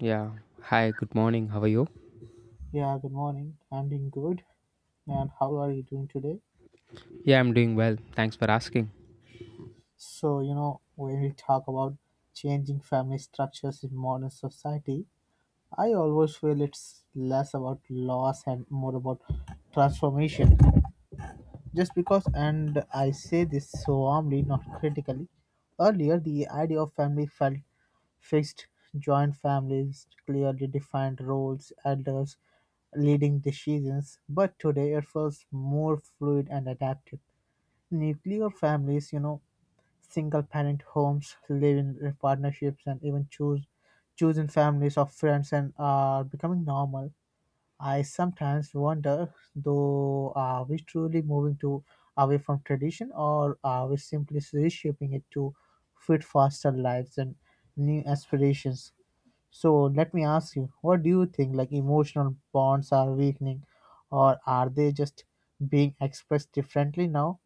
Yeah. Hi, good morning. How are you? Yeah, good morning. I'm doing good. And how are you doing today? Yeah, I'm doing well. Thanks for asking. So, when we talk about changing family structures in modern society, I always feel it's less about loss and more about transformation. Just because, and I say this so warmly, not critically, earlier the idea of family felt fixed, joint families, clearly defined roles, elders leading decisions, but today it feels more fluid and adaptive. Nuclear families, single parent homes, live-in partnerships, and even choose chosen families of friends and are becoming normal. I sometimes wonder, though, are we truly moving to away from tradition, or are we simply reshaping it to fit faster lives and new aspirations? So let me ask you, what do you think? Like emotional bonds are weakening, or are they just being expressed differently now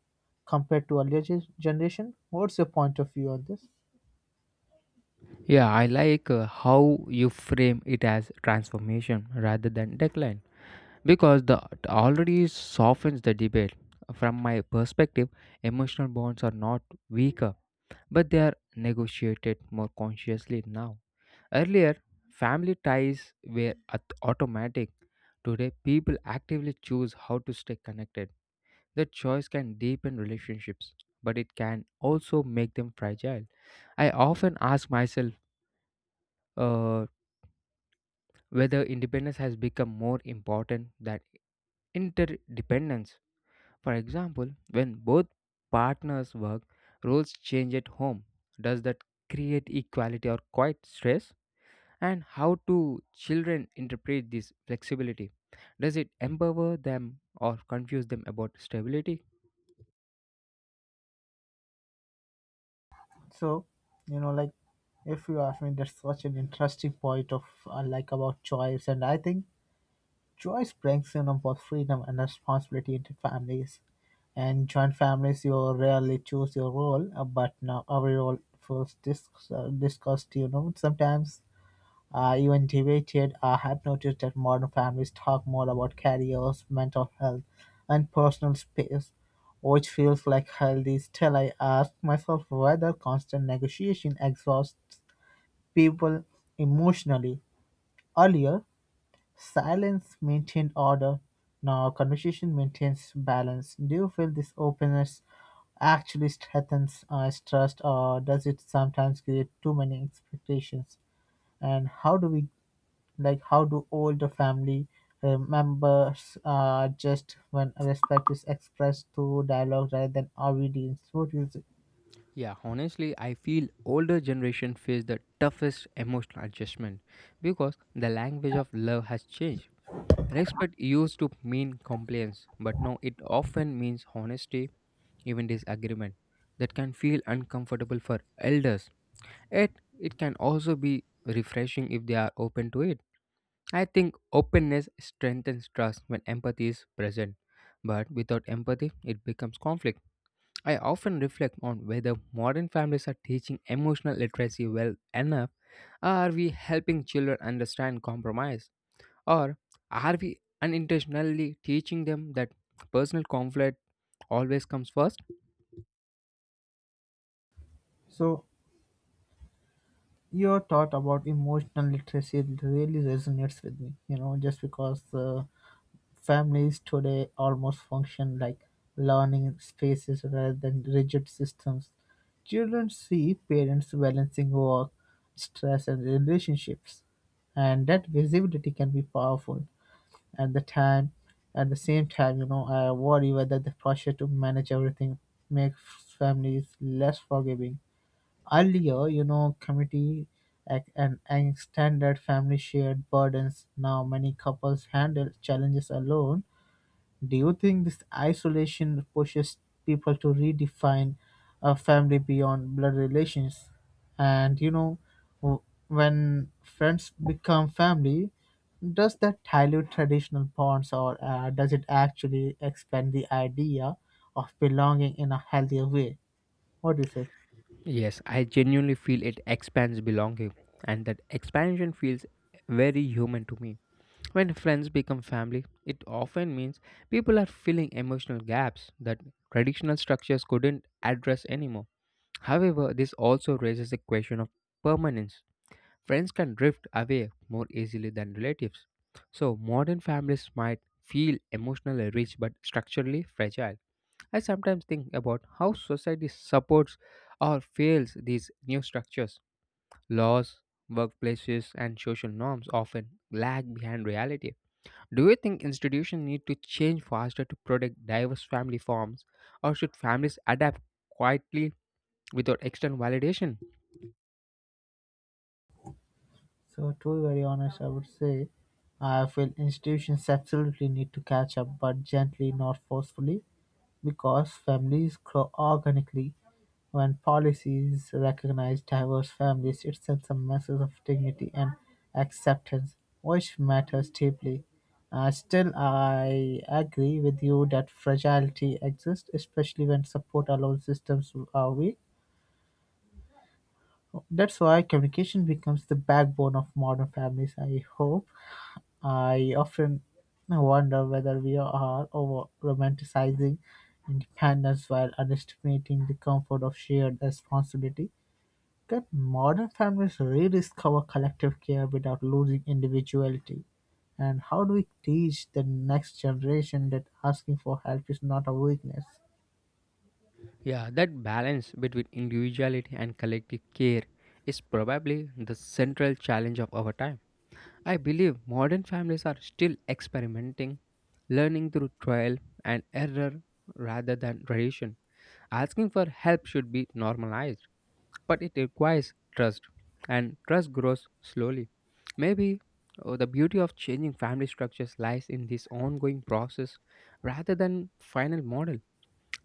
compared to earlier generation? What's your point of view on this? Yeah, I like how you frame it as transformation rather than decline because the it already softens the debate. From my perspective, emotional bonds are not weaker, but they are negotiated more consciously now. Earlier, family ties were automatic. Today, people actively choose how to stay connected. That choice can deepen relationships, but it can also make them fragile. I often ask myself uh, whether independence has become more important than interdependence. For example, when both partners work, roles change at home. Does that create equality or quite stress? And how do children interpret this flexibility? Does it empower them or confuse them about stability? So, like if you ask me, that's such an interesting point of like about choice, and I think Joyce brings in both freedom and responsibility into families. In joint families, you rarely choose your role, but now every role feels discussed. Sometimes even debated. I have noticed that modern families talk more about careers, mental health, and personal space, which feels like healthy. Still, I ask myself whether constant negotiation exhausts people emotionally. Earlier, silence maintained order, now conversation maintains balance. Do you feel this openness actually strengthens trust, or does it sometimes create too many expectations? And how do older family members just when respect is expressed through dialogue rather than obedience? What you say? Yeah, honestly, I feel older generation face the toughest emotional adjustment because the language of love has changed. Respect used to mean compliance, but now it often means honesty, even disagreement that can feel uncomfortable for elders. Yet, it can also be refreshing if they are open to it. I think openness strengthens trust when empathy is present, but without empathy, it becomes conflict. I often reflect on whether modern families are teaching emotional literacy well enough. Are we helping children understand compromise? Or are we unintentionally teaching them that personal conflict always comes first? So your thought about emotional literacy really resonates with me. You know, just because. Families today almost function like learning spaces rather than rigid systems. Children see parents balancing work, stress, and relationships, and that visibility can be powerful. At the time, at the same time, I worry whether the pressure to manage everything makes families less forgiving. Earlier, and extended family shared burdens. Now, many couples handle challenges alone. Do you think this isolation pushes people to redefine a family beyond blood relations? And w- when friends become family, does that dilute traditional bonds, or does it actually expand the idea of belonging in a healthier way? What do you say? Yes, I genuinely feel it expands belonging, and that expansion feels very human to me. When friends become family, it often means people are filling emotional gaps that traditional structures couldn't address anymore. However, this also raises the question of permanence. Friends can drift away more easily than relatives. So, modern families might feel emotionally rich but structurally fragile. I sometimes think about how society supports or fails these new structures. Laws, workplaces, and social norms often lag behind reality. Do you think institutions need to change faster to protect diverse family forms, or should families adapt quietly without external validation? So, to be very honest, I would say I feel institutions absolutely need to catch up, but gently, not forcefully. Because families grow organically, when policies recognize diverse families, it sends a message of dignity and acceptance, which matters deeply. Still, I agree with you that fragility exists, especially when support alone systems are weak. That's why communication becomes the backbone of modern families. I hope. I often wonder whether we are over romanticizing independence while underestimating the comfort of shared responsibility. Can modern families rediscover collective care without losing individuality? And how do we teach the next generation that asking for help is not a weakness? Yeah, that balance between individuality and collective care is probably the central challenge of our time. I believe modern families are still experimenting, learning through trial and error rather than tradition. Asking for help should be normalized, but it requires trust, and trust grows slowly. Maybe oh, the beauty of changing family structures lies in this ongoing process rather than final model.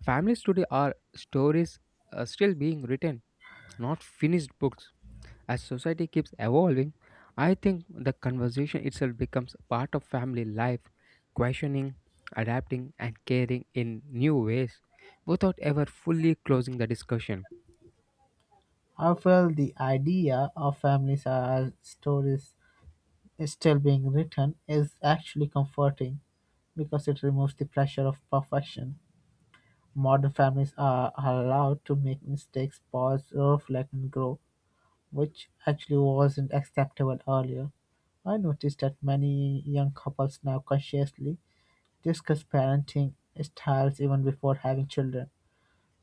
Families today are stories still being written, not finished books. As society keeps evolving, I think the conversation itself becomes a part of family life, questioning, adapting, and caring in new ways without ever fully closing the discussion. I felt the idea of families as stories still being written is actually comforting because it removes the pressure of perfection. Modern families are allowed to make mistakes, pause, reflect, and grow, which actually wasn't acceptable earlier. I noticed that many young couples now consciously discuss parenting styles even before having children.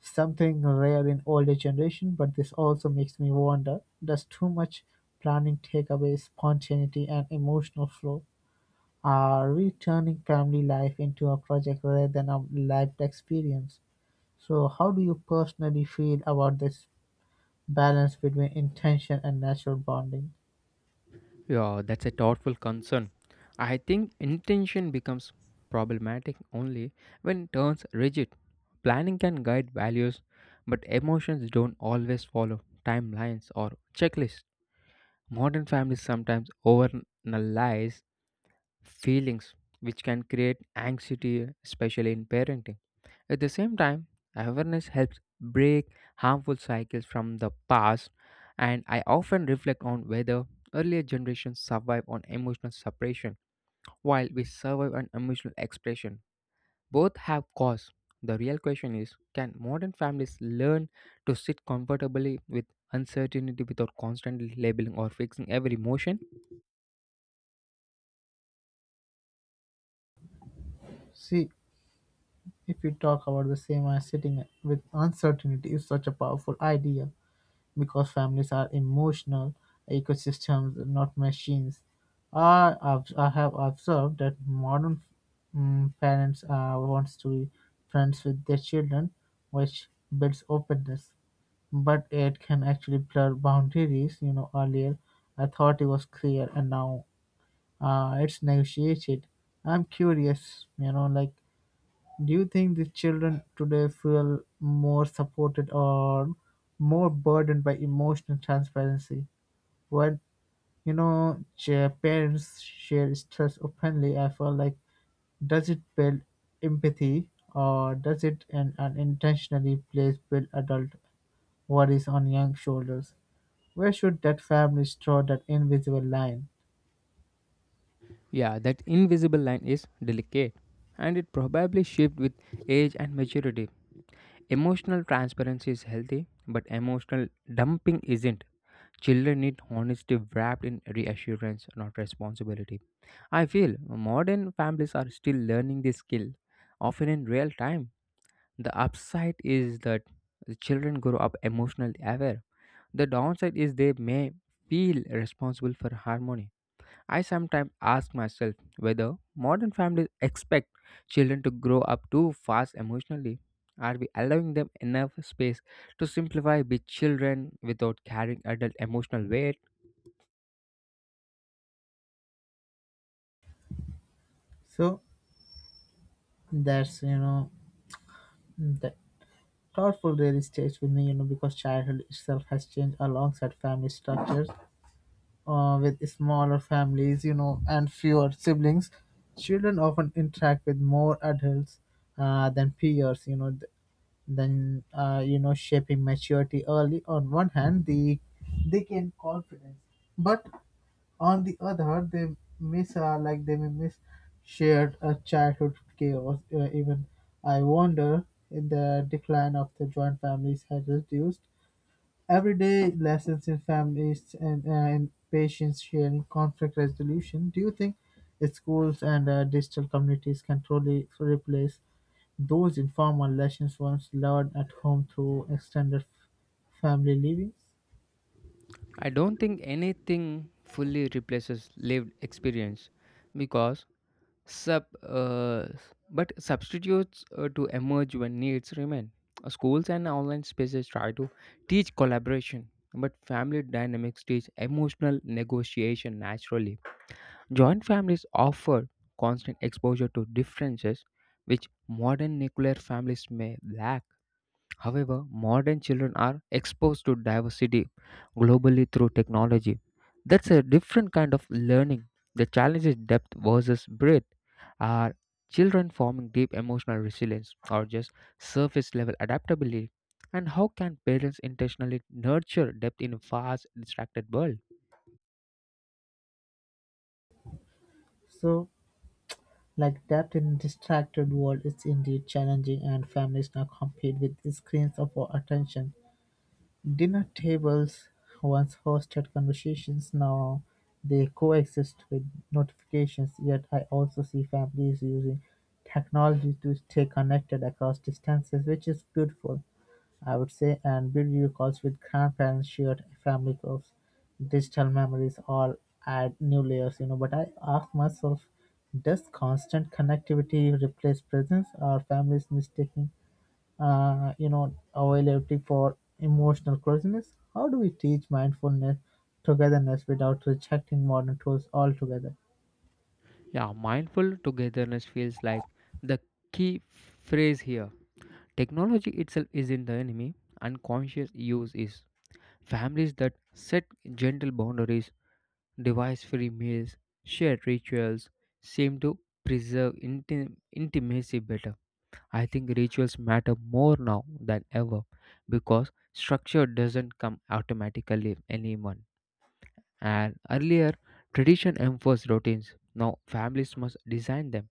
Something rare in older generation, but this also makes me wonder, does too much planning take away spontaneity and emotional flow? Are we turning family life into a project rather than a lived experience? So, how do you personally feel about this balance between intention and natural bonding? Yeah, that's a thoughtful concern. I think intention becomes problematic only when it turns rigid. Planning can guide values, but emotions don't always follow timelines or checklists. Modern families sometimes overanalyze feelings, which can create anxiety, especially in parenting. At the same time, awareness helps break harmful cycles from the past, and I often reflect on whether earlier generations survive on emotional suppression while we survive on emotional expression. Both have cause. The real question is, can modern families learn to sit comfortably with uncertainty without constantly labeling or fixing every emotion? See, if we talk about the same as sitting with uncertainty is such a powerful idea because families are emotional ecosystems, not machines. I have observed that modern parents wants to be friends with their children, which builds openness, but it can actually blur boundaries. Earlier I thought it was clear, and now it's negotiated. I'm curious, do you think the children today feel more supported or more burdened by emotional transparency? When, parents share stress openly, I feel like, does it build empathy, or does it unintentionally place build adult worries on young shoulders? Where should that family draw that invisible line? Yeah, that invisible line is delicate, and it probably shifts with age and maturity. Emotional transparency is healthy, but emotional dumping isn't. Children need honesty wrapped in reassurance, not responsibility. I feel modern families are still learning this skill, often in real time. The upside is that the children grow up emotionally aware. The downside is they may feel responsible for harmony. I sometimes ask myself whether modern families expect children to grow up too fast emotionally. Are we allowing them enough space to simplify, be children without carrying adult emotional weight? So that's the thoughtful really stays with me, because childhood itself has changed alongside family structures. With smaller families, and fewer siblings, children often interact with more adults than peers, than shaping maturity early. On one hand, they gain confidence, but on the other, they may miss shared childhood chaos. Even I wonder if the decline of the joint families has reduced everyday lessons in families and patience sharing conflict resolution. Do you think schools and digital communities can truly replace those informal lessons once learned at home through extended family living? I don't think anything fully replaces lived experience because Sub, uh, but substitutes to emerge when needs remain. Schools and online spaces try to teach collaboration, but family dynamics teach emotional negotiation naturally. Joint families offer constant exposure to differences which modern nuclear families may lack. However, modern children are exposed to diversity globally through technology. That's a different kind of learning. The challenge is depth versus breadth. Are children forming deep emotional resilience or just surface level adaptability? And how can parents intentionally nurture depth in a fast, distracted world? So, like, depth in distracted world, it's indeed challenging, and families now compete with screens of our attention. Dinner tables once hosted conversations, now they coexist with notifications, yet I also see families using technology to stay connected across distances, which is beautiful, I would say, and video calls with grandparents, shared family groups, digital memories all add new layers. But I ask myself, does constant connectivity replace presence? Are families mistaking availability for emotional closeness? How do we teach mindfulness togetherness without rejecting modern tools altogether? Yeah, mindful togetherness feels like the key phrase here. Technology itself isn't the enemy, unconscious use is. Families that set gentle boundaries, device free meals, shared rituals seem to preserve intimacy better. I think rituals matter more now than ever because structure doesn't come automatically anyone. And earlier, tradition enforced routines. Now, families must design them.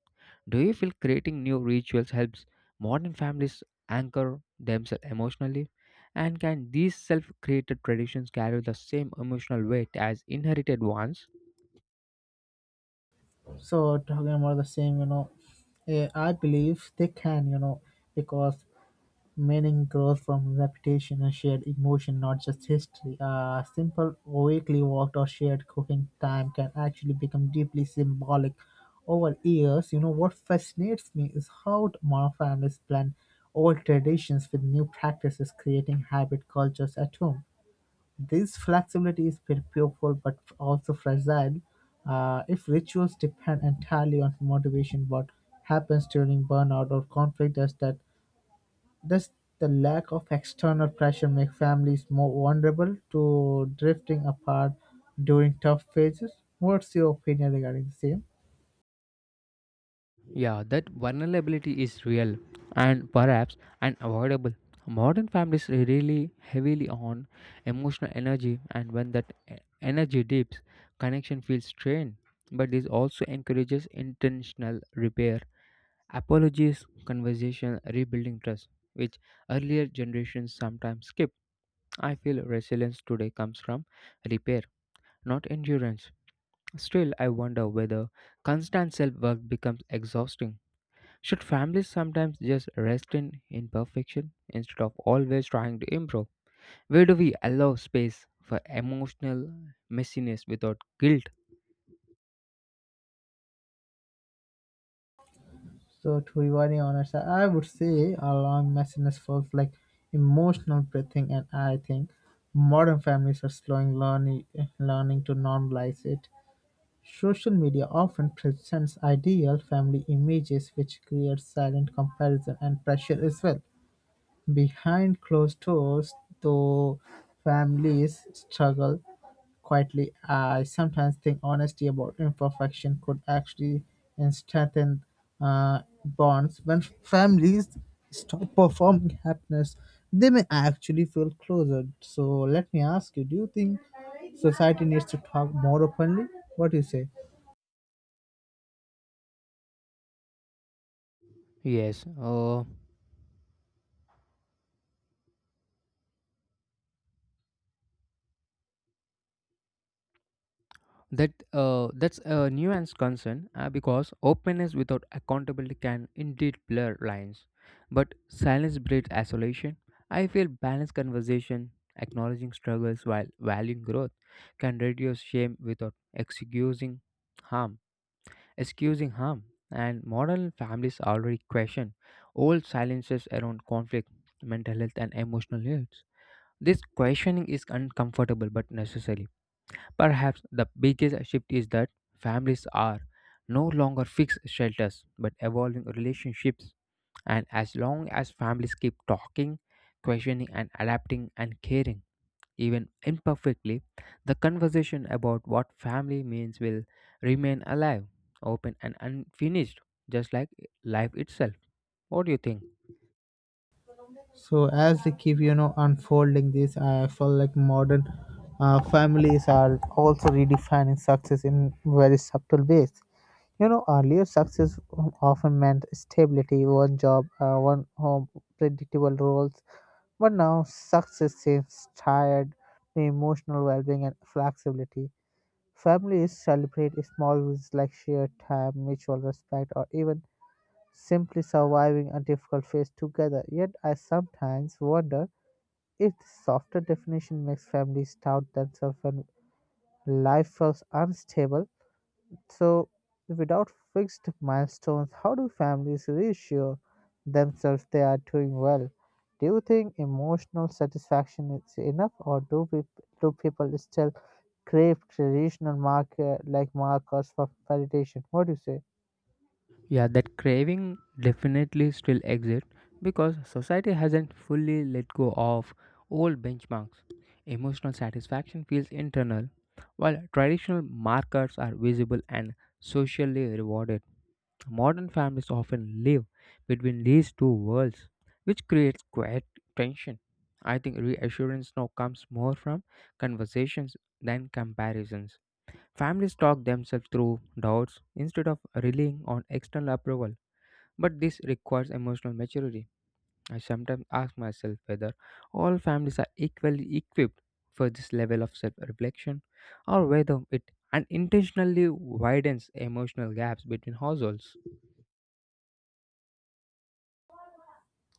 Do you feel creating new rituals helps modern families anchor themselves emotionally? And can these self created traditions carry the same emotional weight as inherited ones? So talking about the same, I believe they can, because meaning grows from repetition and shared emotion, not just history. A simple weekly walk or shared cooking time can actually become deeply symbolic over years. What fascinates me is how modern families blend old traditions with new practices, creating hybrid cultures at home. This flexibility is beautiful but also fragile. If rituals depend entirely on motivation, what happens during burnout or conflict? Does the lack of external pressure make families more vulnerable to drifting apart during tough phases? What's your opinion regarding the same? Yeah, that vulnerability is real and perhaps unavoidable. Modern families rely heavily on emotional energy, and when that energy dips, connection feels strained. But this also encourages intentional repair. Apologies, conversation, rebuilding trust, which earlier generations sometimes skip. I feel resilience today comes from repair, not endurance. Still, I wonder whether constant self work becomes exhausting. Should families sometimes just rest in imperfection instead of always trying to improve? Where do we allow space for emotional messiness without guilt? So, to be very honest, I would say allowing messiness feels like emotional breathing, and I think modern families are slowing learning to normalize it. Social media often presents ideal family images, which creates silent comparison and pressure as well. Behind closed doors, though, families struggle quietly. I sometimes think honesty about imperfection could actually strengthen bonds. When families stop performing happiness, they may actually feel closer. So let me ask you: do you think society needs to talk more openly? What do you say? Yes, uh, that's a nuanced concern because openness without accountability can indeed blur lines, but silence breeds isolation. I feel balanced conversation, acknowledging struggles while valuing growth, can reduce shame without harm excusing harm. And modern families already question old silences around conflict, mental health, and emotional needs. This questioning is uncomfortable but necessary. Perhaps the biggest shift is that families are no longer fixed shelters but evolving relationships. And as long as families keep talking, questioning, and adapting and caring, even imperfectly, the conversation about what family means will remain alive, open, and unfinished, just like life itself. What do you think? So as they keep, unfolding this, I feel like modern families are also redefining success in very subtle ways. Earlier success often meant stability, one job, one home, predictable roles. But now success seems tied to emotional well-being and flexibility. Families celebrate small wins like shared time, mutual respect, or even simply surviving a difficult phase together. Yet I sometimes wonder if the softer definition makes families doubt themselves when life feels unstable. So, without fixed milestones, how do families reassure themselves they are doing well? Do you think emotional satisfaction is enough, or do people still crave traditional markers for validation? What do you say? Yeah, that craving definitely still exists because society hasn't fully let go of old benchmarks. Emotional satisfaction feels internal, while traditional markers are visible and socially rewarded. Modern families often live between these two worlds, which creates quite tension. I think reassurance now comes more from conversations than comparisons. Families talk themselves through doubts instead of relying on external approval. But this requires emotional maturity. I sometimes ask myself whether all families are equally equipped for this level of self reflection or whether it unintentionally widens emotional gaps between households.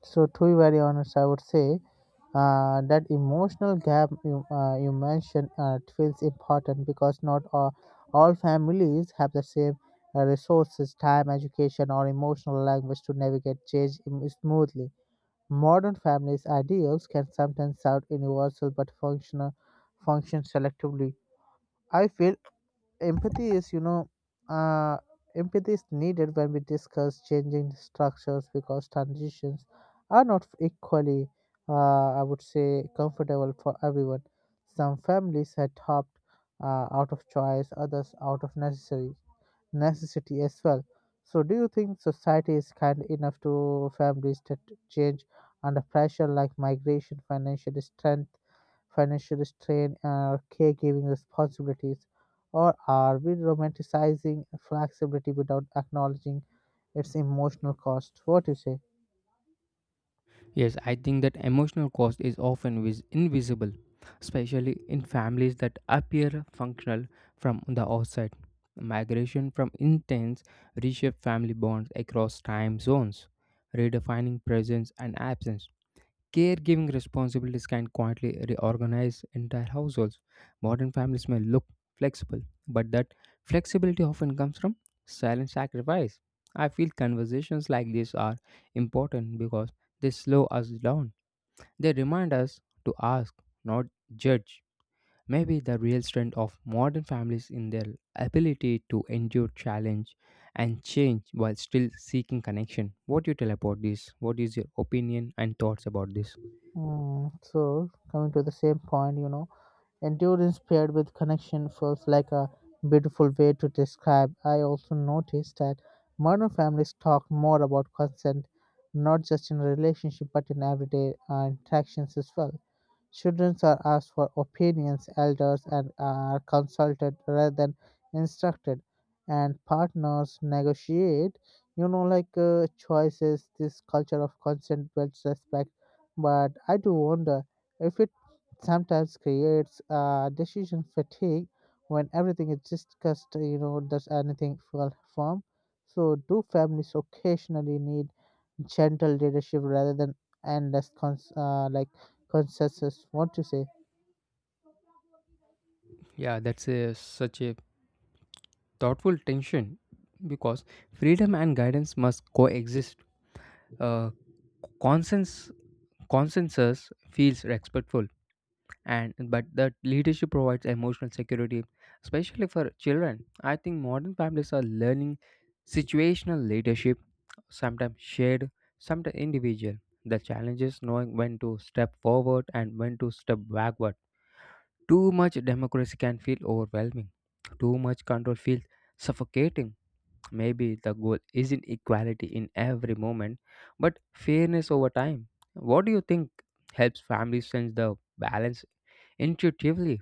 So, to be very honest, I would say that emotional gap you mentioned it feels important because not all families have the same resources, time, education, or emotional language to navigate change smoothly. Modern families' ideals can sometimes sound universal but function selectively. I feel empathy is you know uh, empathy is needed when we discuss changing structures because transitions are not equally I would say comfortable for everyone. Some families had hopped out of choice, others out of necessary necessity as well. So do you think society is kind enough to families that change under pressure like migration, financial strain, or caregiving responsibilities? Or are we romanticizing flexibility without acknowledging its emotional cost? What do you say? Yes, I think that emotional cost is often invisible, especially in families that appear functional from the outside. Migration from intense reshape family bonds across time zones, redefining presence and absence. Caregiving responsibilities can quietly reorganize entire households. Modern families may look flexible, but that flexibility often comes from silent sacrifice. I feel conversations like this are important because they slow us down. They remind us to ask, not judge. Maybe the real strength of modern families in their ability to endure challenge and change while still seeking connection. What do you tell about this? What is your opinion and thoughts about this? Mm, so coming to the same point, endurance paired with connection feels like a beautiful way to describe. I also noticed that modern families talk more about consent, not just in relationship but in everyday interactions as well. Children are asked for opinions, elders and are consulted rather than instructed, and partners negotiate. Choices. This culture of consent builds respect, but I do wonder if it sometimes creates decision fatigue when everything is discussed. Does anything feel firm? So, do families occasionally need gentle leadership rather than endless like consensus? What you say? Yeah, that's such a thoughtful tension because freedom and guidance must coexist. Uh, consens- Consensus feels respectful, and but that leadership provides emotional security, especially for children. I think modern families are learning situational leadership, sometimes shared, sometimes individual. The challenge is knowing when to step forward and when to step backward. Too much democracy can feel overwhelming. Too much control feels suffocating. Maybe the goal isn't equality in every moment, but fairness over time. What do you think helps families sense the balance intuitively?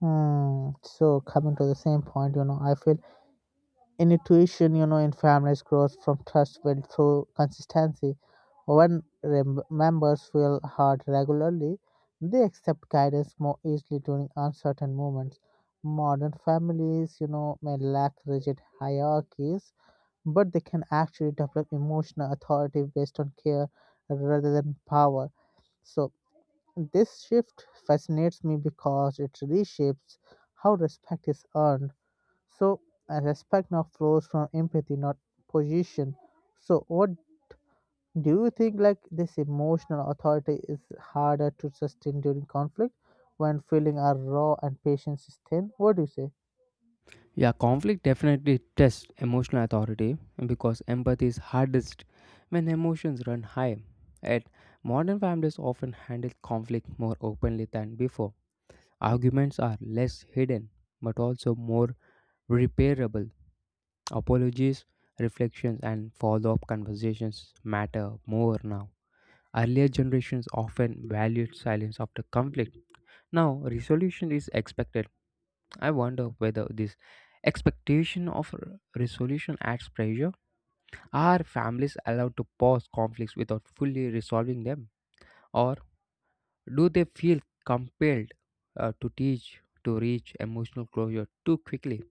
Hmm. So coming to the same point, you know, I feel intuition, you know, in families grows from trust built through consistency. When members feel hurt regularly, they accept guidance more easily during uncertain moments. Modern families, you know, may lack rigid hierarchies, but they can actually develop emotional authority based on care rather than power. So this shift fascinates me because it reshapes how respect is earned. So, respect now flows from empathy, not position. So what do you think, like, this emotional authority is harder to sustain during conflict when feelings are raw and patience is thin? What do you say? Yeah, conflict definitely tests emotional authority because empathy is hardest when emotions run high. Yet, modern families often handle conflict more openly than before. Arguments are less hidden but also more repairable. Apologies, reflections, and follow up conversations matter more now. Earlier generations often valued silence after conflict. Now, resolution is expected. I wonder whether this expectation of resolution adds pressure. Are families allowed to pause conflicts without fully resolving them? Or do they feel compelled to reach emotional closure too quickly?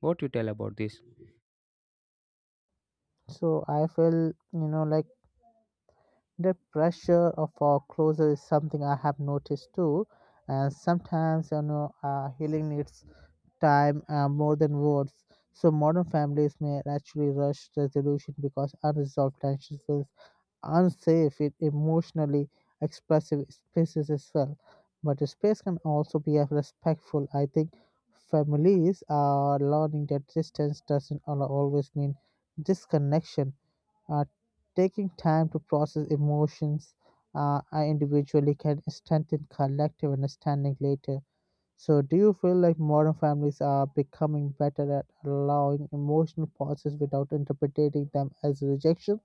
What you tell about this? So I feel, you know, like, the pressure of foreclosure is something I have noticed too, and sometimes you know healing needs time more than words. So modern families may actually rush resolution because unresolved tensions will unsafe in emotionally expressive spaces as well. But space can also be a respectful. I think families are learning that distance doesn't always mean disconnection. Uh, taking time to process emotions individually can strengthen collective understanding later. So, do you feel like modern families are becoming better at allowing emotional pauses without interpreting them as rejection?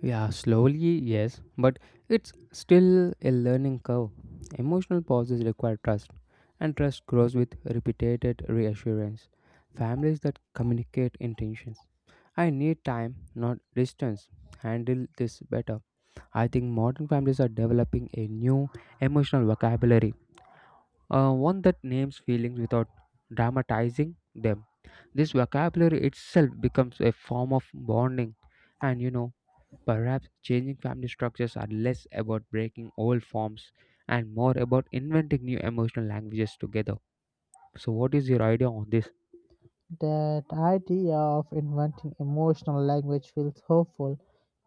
Yeah, slowly, yes, but it's still a learning curve. Emotional pauses require trust, and trust grows with repeated reassurance. Families that communicate intentions. I need time, not distance. Handle this better. I think modern families are developing a new emotional vocabulary, one that names feelings without dramatizing them. This vocabulary itself becomes a form of bonding, and perhaps changing family structures are less about breaking old forms and more about inventing new emotional languages together. So, what is your idea on this? That idea of inventing emotional language feels hopeful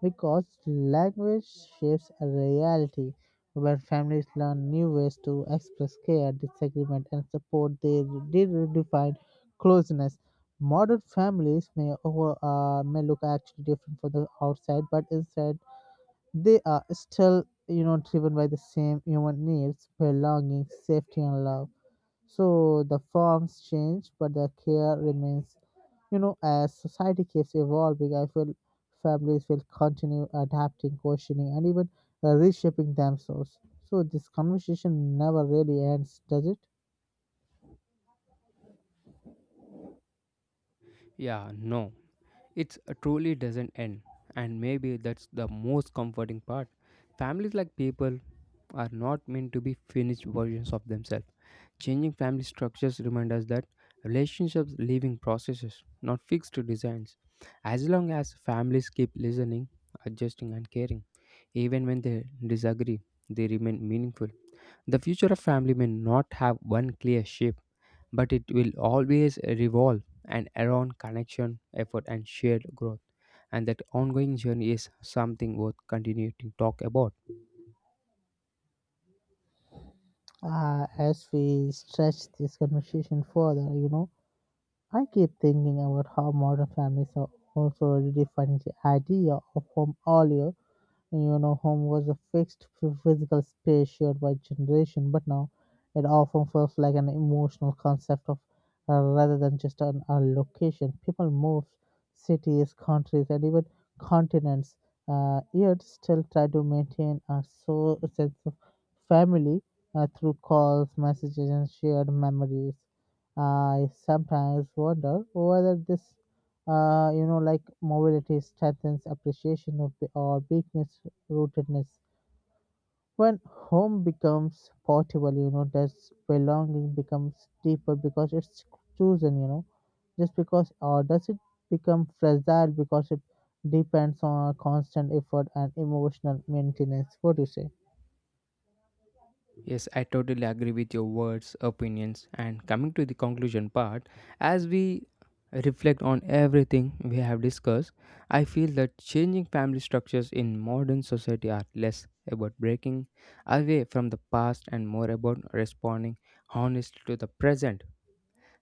because language shapes a reality where families learn new ways to express care, disagreement, and support their redefined closeness. Modern families may look actually different from the outside, but instead they are still you know driven by the same human needs: belonging, safety, and love. So the forms change, but the care remains. You know, as society keeps evolving, I feel families will continue adapting, questioning, and even reshaping themselves. So this conversation never really ends, does it? Yeah, no, it truly doesn't end, and maybe that's the most comforting part. Families like people are not meant to be finished versions of themselves. Changing family structures remind us that relationships are living processes, not fixed designs. As long as families keep listening, adjusting, and caring, even when they disagree, they remain meaningful. The future of family may not have one clear shape, but it will always revolve and around connection, effort, and shared growth. And that ongoing journey is something worth continuing to talk about. As we stretch this conversation further, you know, I keep thinking about how modern families are also redefining the idea of home. Earlier, you know, home was a fixed physical space shared by generation, but now it often feels like an emotional concept of rather than just a location. People move cities, countries, and even continents. Yet still try to maintain a sense of family through calls, messages, and shared memories. I sometimes wonder whether this you know, like, mobility strengthens appreciation of or weakness rootedness. When home becomes portable, you know, that's belonging becomes deeper because it's chosen, you know, just because, or does it become fragile because it depends on our constant effort and emotional maintenance? What do you say? Yes, I totally agree with your words, opinions, and coming to the conclusion part, as we reflect on everything we have discussed, I feel that changing family structures in modern society are less about breaking away from the past and more about responding honestly to the present.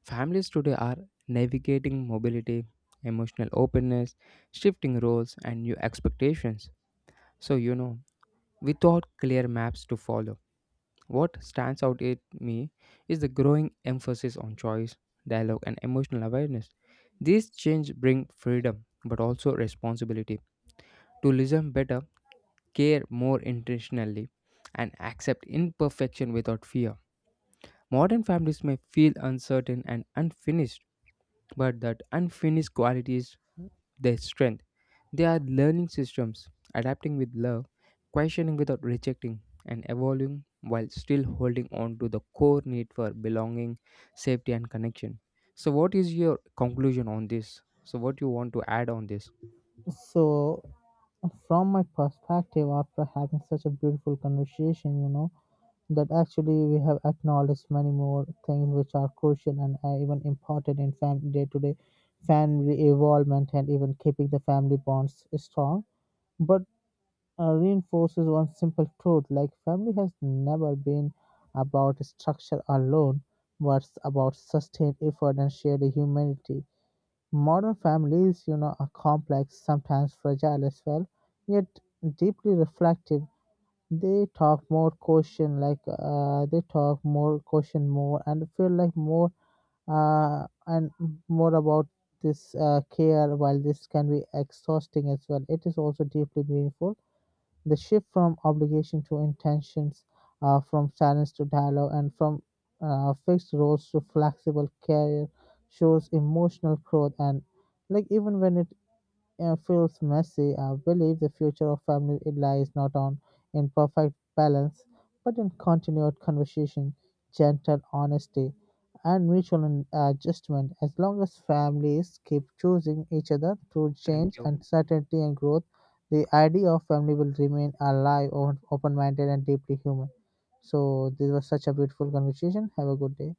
Families today are navigating mobility, emotional openness, shifting roles, and new expectations. So, you know, without clear maps to follow. What stands out at me is the growing emphasis on choice, dialogue, and emotional awareness. These changes bring freedom but also responsibility to listen better, care more intentionally, and accept imperfection without fear. Modern families may feel uncertain and unfinished but that unfinished quality is their strength. They are learning systems, adapting with love, questioning without rejecting, and evolving while still holding on to the core need for belonging, safety, and connection. So, what is your conclusion on this? So, what you want to add on this? So, from my perspective, after having such a beautiful conversation, you know, that actually we have acknowledged many more things which are crucial and even important in day-to-day family involvement and even keeping the family bonds strong, but reinforces one simple truth, like family has never been about structure alone but about sustained effort and shared humanity. Modern families, you know, are complex, sometimes fragile as well, yet deeply reflective. They talk more caution, more, and feel like uh, and more about this care. While this can be exhausting as well, it is also deeply meaningful. The shift from obligation to intentions, from silence to dialogue, and from fixed roles to flexible career shows emotional growth. And, like, even when it feels messy, I believe the future of family lies not on in perfect balance, but in continued conversation, gentle honesty, and mutual adjustment. As long as families keep choosing each other through Thank change, you. uncertainty, and growth, the idea of family will remain alive, open minded, and deeply human. So, this was such a beautiful conversation. Have a good day.